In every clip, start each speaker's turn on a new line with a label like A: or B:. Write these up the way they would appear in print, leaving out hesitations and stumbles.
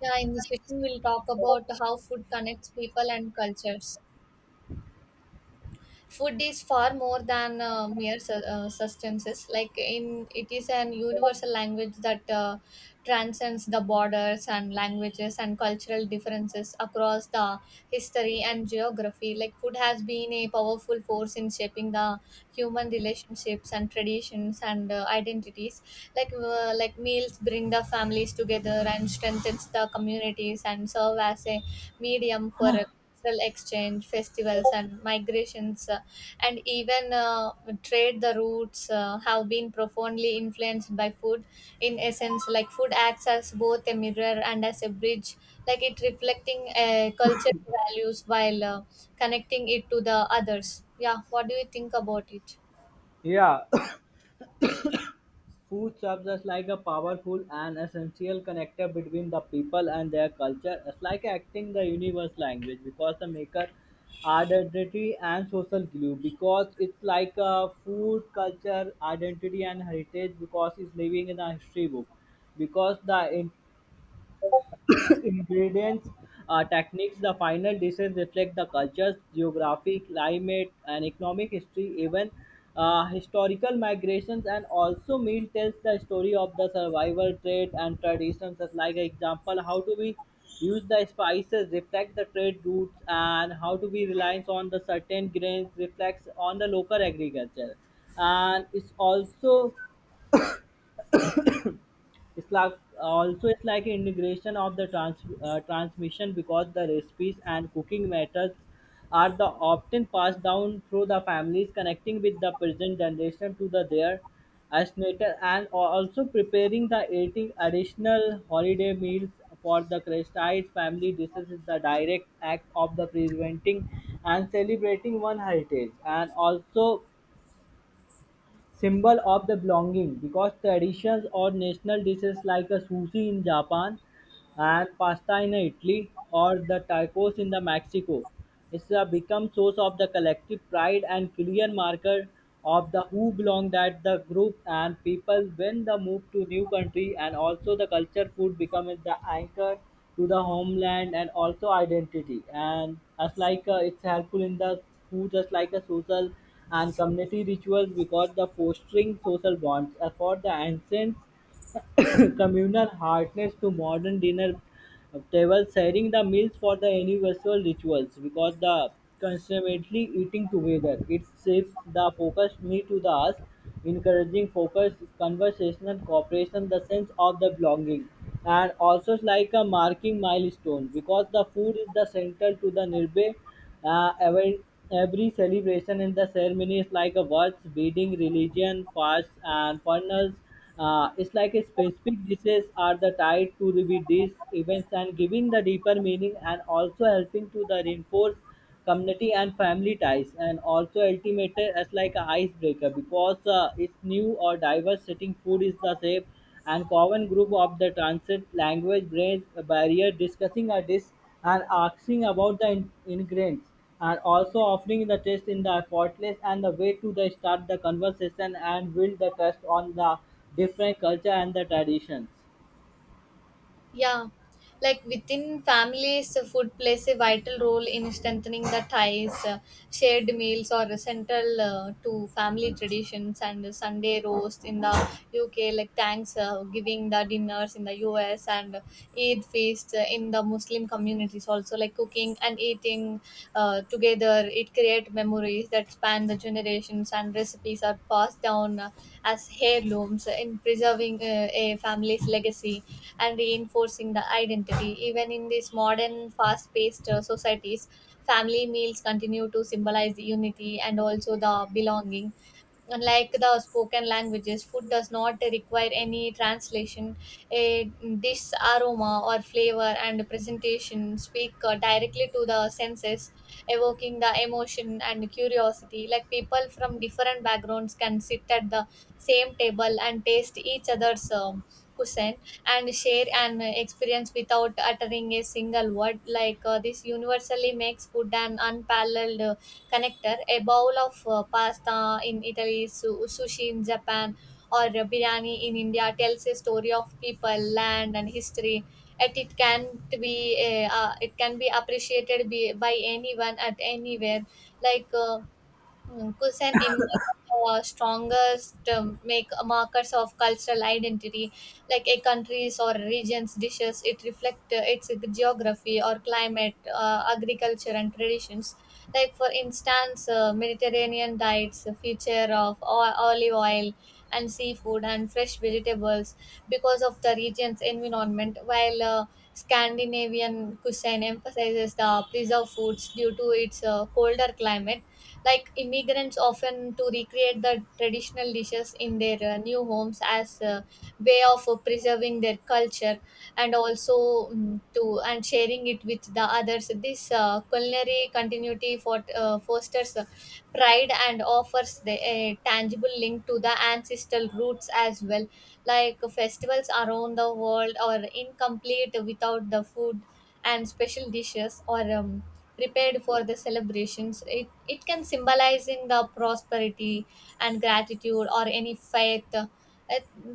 A: Yeah, in this session, we'll talk about how food connects people and cultures. Food is far more than mere substances. Like in, it is an universal language that transcends the borders and languages and cultural differences across the history and geography. Like food has been a powerful force in shaping the human relationships and traditions and identities like like meals bring the families together and strengthens the communities and serve as a medium for a cultural exchange festivals and migrations, and even trade the routes have been profoundly influenced by food. In essence, like food acts as both a mirror and as a bridge, like it reflecting a culture values while connecting it to the others. Yeah, what do you think about it?
B: Yeah, food serves as like a powerful and essential connector between the people and their culture. It's like acting the universe language because the maker identity and social glue because it's like a food culture identity and heritage because it's living in a history book because the ingredients, techniques, the final dishes reflect the cultures, geography, climate, and economic history, even historical migrations, and also meal tells the story of the survival trade and traditions. As like example, how do we use the spices reflect the trade routes, and how do we reliance on the certain grains reflects on the local agriculture, and it's it's like also it's like an integration of the transmission because the recipes and cooking methods are the often passed down through the families connecting with the present generation to the their native and also preparing the eating additional holiday meals for the Christian family dishes is the direct act of the preventing and celebrating one heritage and also symbol of the belonging because traditions or national dishes like a sushi in Japan and pasta in Italy or the tacos in the Mexico. It's a become source of the collective pride and clear marker of the who belong that the group and people when the move to new country, and also the culture food becomes the anchor to the homeland and also identity and as like it's helpful in the food just like a social and community rituals because the fostering social bonds as for the ancients communal hardness to modern dinner tables, sharing the meals for the universal rituals because the consummately eating together. It shifts the focus me to the us, encouraging focus, conversational cooperation, the sense of the belonging. And also like a marking milestone because the food is the central to the nirbe uh, every, every celebration in the ceremony is like a watch, beading, religion, fasts, and funnels. It's like a specific dishes are the tied to these events and giving the deeper meaning and also helping to the reinforce community and family ties and also ultimately as like a icebreaker because it's new or diverse setting food is the same and common group of the transit language brain barrier discussing a dish and asking about the ingredients and also offering the test in the effortless and the way to the start the conversation and build the trust on the different culture and the traditions.
A: Yeah, like within families, food plays a vital role in strengthening the ties. Shared meals are central to family traditions, and Sunday roast in the UK, like thanks giving the dinners in the US, and Eid feast in the Muslim communities also. Like cooking and eating together, it creates memories that span the generations, and recipes are passed down as heirlooms in preserving a family's legacy and reinforcing the identity. Even in these modern, fast paced societies, family meals continue to symbolize the unity and also the belonging. Unlike the spoken languages, food does not require any translation. A dish aroma or flavor and presentation speak directly to the senses, evoking the emotion and curiosity. Like people from different backgrounds can sit at the same table and taste each other's cuisine and share an experience without uttering a single word. Like this universally makes food an unparalleled connector. A bowl of pasta in Italy, sushi in Japan, or a biryani in India tells a story of people, land, and history. Yet it can be appreciated by anyone at anywhere. Like uh, Kusan in one of the strongest make markers of cultural identity, like a country's or region's dishes. It reflect its geography or climate, agriculture, and traditions. Like for instance, Mediterranean diets, feature of olive oil and seafood and fresh vegetables because of the region's environment, while Scandinavian cuisine emphasizes the preserved foods due to its colder climate. Like immigrants often to recreate the traditional dishes in their new homes as a way of preserving their culture and also mm to and sharing it with the others. This culinary continuity for fosters pride and offers the a tangible link to the ancestral roots as well. Like festivals around the world are incomplete without the food and special dishes or prepared for the celebrations. It can symbolize in the prosperity and gratitude or any faith.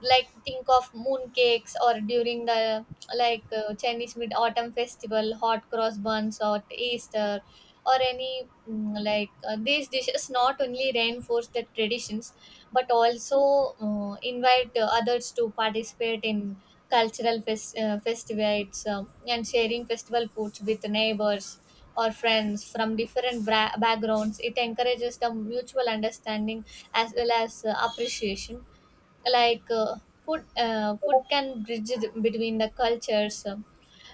A: Like think of moon cakes or during the Chinese mid autumn festival, hot cross buns or Easter or any these dishes not only reinforce the traditions but also invite others to participate in cultural festivals, and sharing festival foods with neighbors or friends from different backgrounds. It encourages the mutual understanding as well as appreciation. Like food food can bridge between the cultures. um,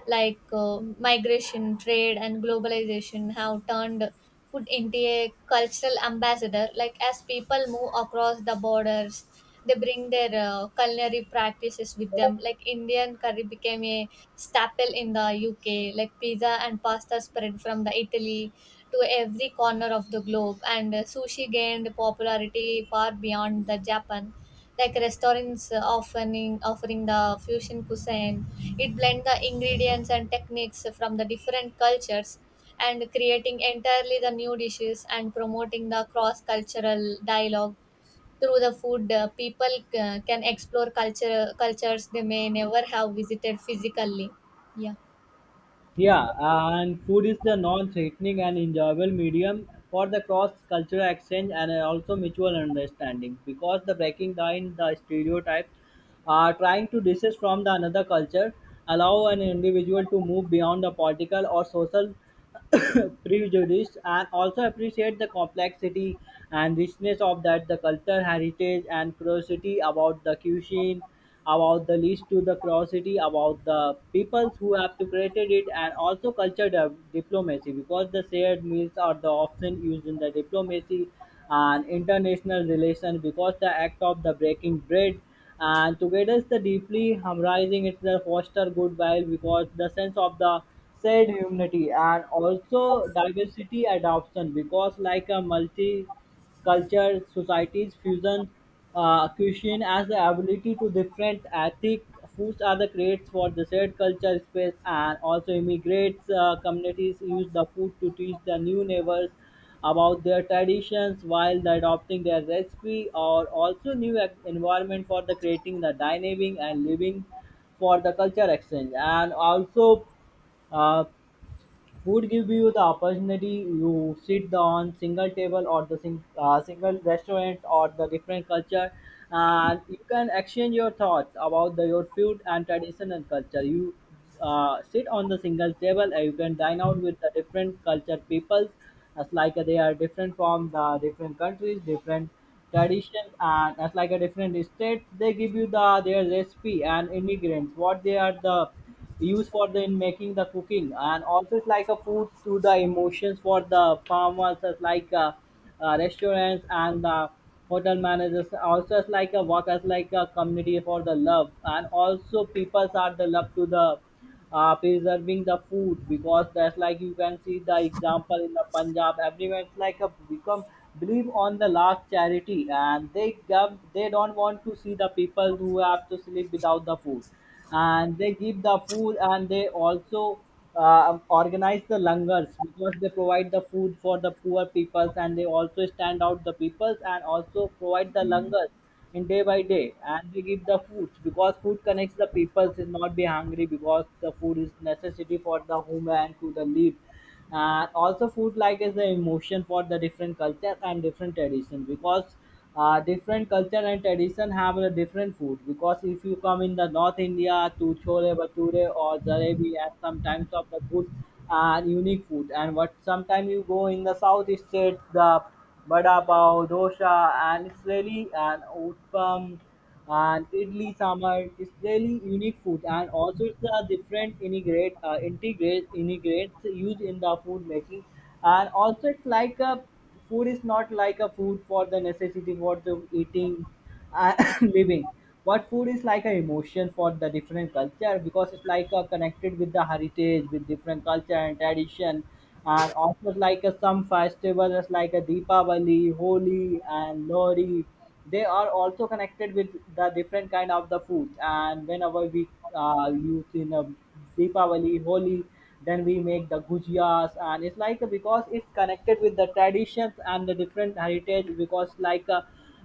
A: like uh, Migration, trade, and globalization have turned food into a cultural ambassador. Like as people move across the borders, they bring their culinary practices with them. Like Indian curry became a staple in the UK. Like pizza and pasta spread from the Italy to every corner of the globe, and sushi gained popularity far beyond the Japan. Like restaurants offering the fusion cuisine, it blends the ingredients and techniques from the different cultures and creating entirely the new dishes and promoting the cross cultural dialogue through the food. People can explore cultures they may never have visited physically. Yeah.
B: Yeah, and food is the non-threatening and enjoyable medium for the cross-cultural exchange and also mutual understanding because the breaking down the stereotypes are trying to dishes from the another culture allow an individual to move beyond the political or social prejudice and also appreciate the complexity and richness of that the culture heritage and curiosity about the cuisine about the list to the curiosity about the peoples who have to created it and also culture diplomacy because the shared meals are the often used in the diplomacy and international relations because the act of the breaking bread and together it's the deeply harmonizing it's the foster goodwill because the sense of the said humanity and also diversity adoption because like a multi culture societies fusion cuisine as the ability to different ethnic foods are the creates for the shared culture space and also immigrants communities use the food to teach the new neighbors about their traditions while the adopting their recipe or also new environment for the creating the dining and living for the culture exchange and also uh, would give you the opportunity you sit on single table or the single restaurant or the different culture, and you can exchange your thoughts about the, your food and tradition and culture you sit on the single table and you can dine out with the different culture peoples as like they are different from the different countries different traditions and as like a different state they give you the their recipe and ingredients what they are the used for the in making the cooking. And also it's like a food to the emotions for the farmers as like restaurants and hotel managers also as like a work as like a community for the love, and also people are the love to the preserving the food because that's like you can see the example in the Punjab. Everyone's like a become believe on the last charity and they give, they don't want to see the people who have to sleep without the food, and they give the food and they also organize the langars because they provide the food for the poor peoples and they also stand out the peoples and also provide the langars in day by day and they give the food because food connects the people should not be hungry because the food is necessity for the human to the live. And also food like is the emotion for the different culture and different tradition because different culture and tradition have a different food because if you come in the North India to chole bhature or jalebi as sometimes of the good and unique food, and what sometimes you go in the south state the vada pav dosa and it's really an outcome and idli sambar is really unique food. And also it's a different integrates used in the food making. And also it's like a food is not like a food for the necessity for the eating and living, what food is like an emotion for the different culture because it's like connected with the heritage with different culture and tradition. And also like some festivals is like a Deepavali, Holi and Lori, they are also connected with the different kind of the food, and whenever we use in a Deepavali, Holi then we make the gujias and it's like because it's connected with the traditions and the different heritage because like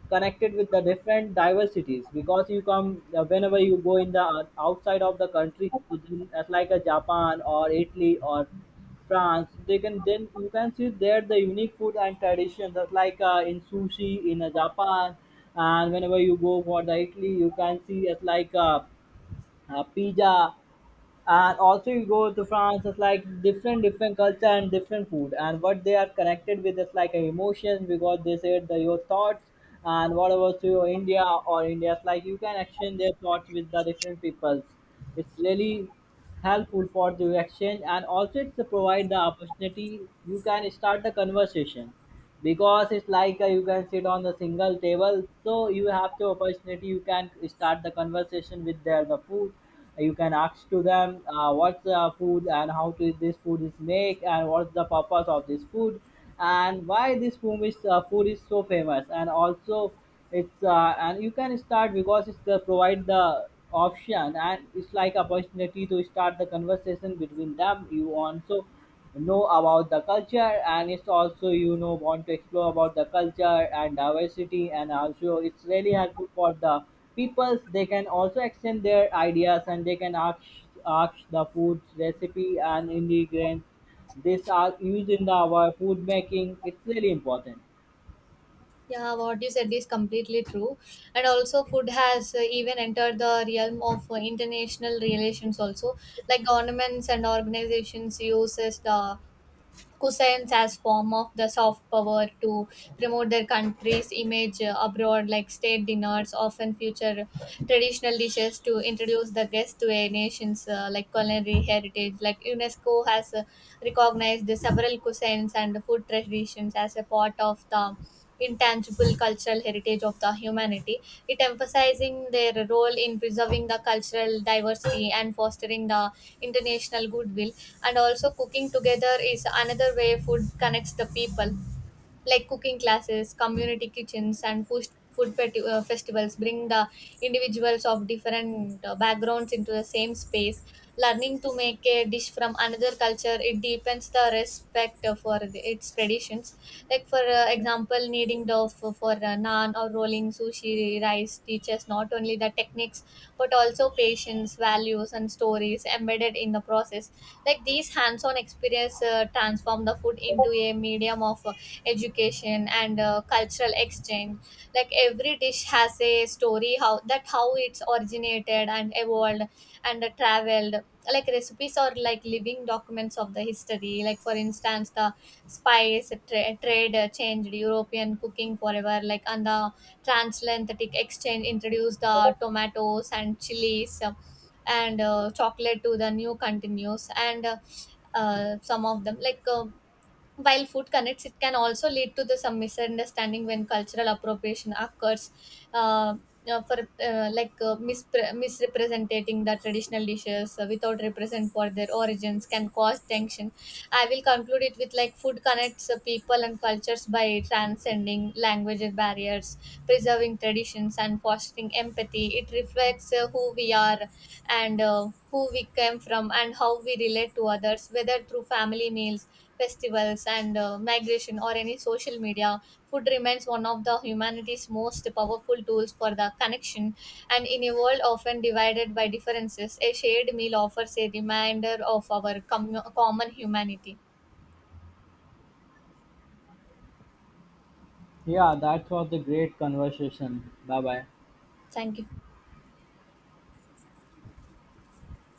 B: connected with the different diversities because you come whenever you go in the outside of the country to as like a Japan or Italy or France they can then you can see there the unique food and traditions. That's like in sushi in Japan, and whenever you go for the Italy you can see it's like pizza. And also you go to France it's like different culture and different food, and what they are connected with is like emotions because they said the, your thoughts and whatever to your India or India's like you can exchange their thoughts with the different peoples, it's really helpful for the exchange. And also it's to provide the opportunity you can start the conversation because it's like you can sit on a single table, so you have the opportunity you can start the conversation with their the food. You can ask to them what's the food and how to this food is make and what's the purpose of this food and why this food is so famous. And also it's and you can start because it's the provide the option and it's like opportunity to start the conversation between them, you also know about the culture, and it's also you know want to explore about the culture and diversity. And also it's really helpful for the peoples they can also extend their ideas and they can ask the food recipe and ingredients. This are used in the our food making, it's really important.
A: Yeah, what you said is completely true. And also, food has even entered the realm of international relations, also. Like governments and organizations uses the cuisines as form of the soft power to promote their country's image abroad. Like state dinners often feature traditional dishes to introduce the guests to a nation's like culinary heritage. Like unesco has recognized several cuisines and food traditions as a part of the intangible cultural heritage of the humanity, it emphasizing their role in preserving the cultural diversity and fostering the international goodwill. And also cooking together is another way food connects the people, like cooking classes, community kitchens, and food festivals bring the individuals of different backgrounds into the same space. Learning to make a dish from another culture, it deepens the respect for its traditions. Like for example, kneading dough for naan or rolling sushi rice teaches not only the techniques but also patience, values, and stories embedded in the process. Like these hands-on experience transform the food into a medium of education and cultural exchange. Like every dish has a story, how it's originated and evolved and traveled. Like recipes are like living documents of the history. Like for instance, the spice trade changed european cooking forever, like and the transatlantic exchange introduced the tomatoes and chilies and chocolate to the new continues, and some of them like while food connects, it can also lead to the some misunderstanding when cultural appropriation occurs. Uh, Misrepresenting the traditional dishes without represent for their origins can cause tension. I will conclude it with like food connects people and cultures by transcending language barriers, preserving traditions, and fostering empathy. It reflects who we are and who we came from and how we relate to others, whether through family meals, festivals, and migration, or any social media. Food remains one of the humanity's most powerful tools for the connection, and in a world often divided by differences, a shared meal offers a reminder of our common humanity.
B: Yeah, that was a great conversation. Bye bye.
A: Thank you.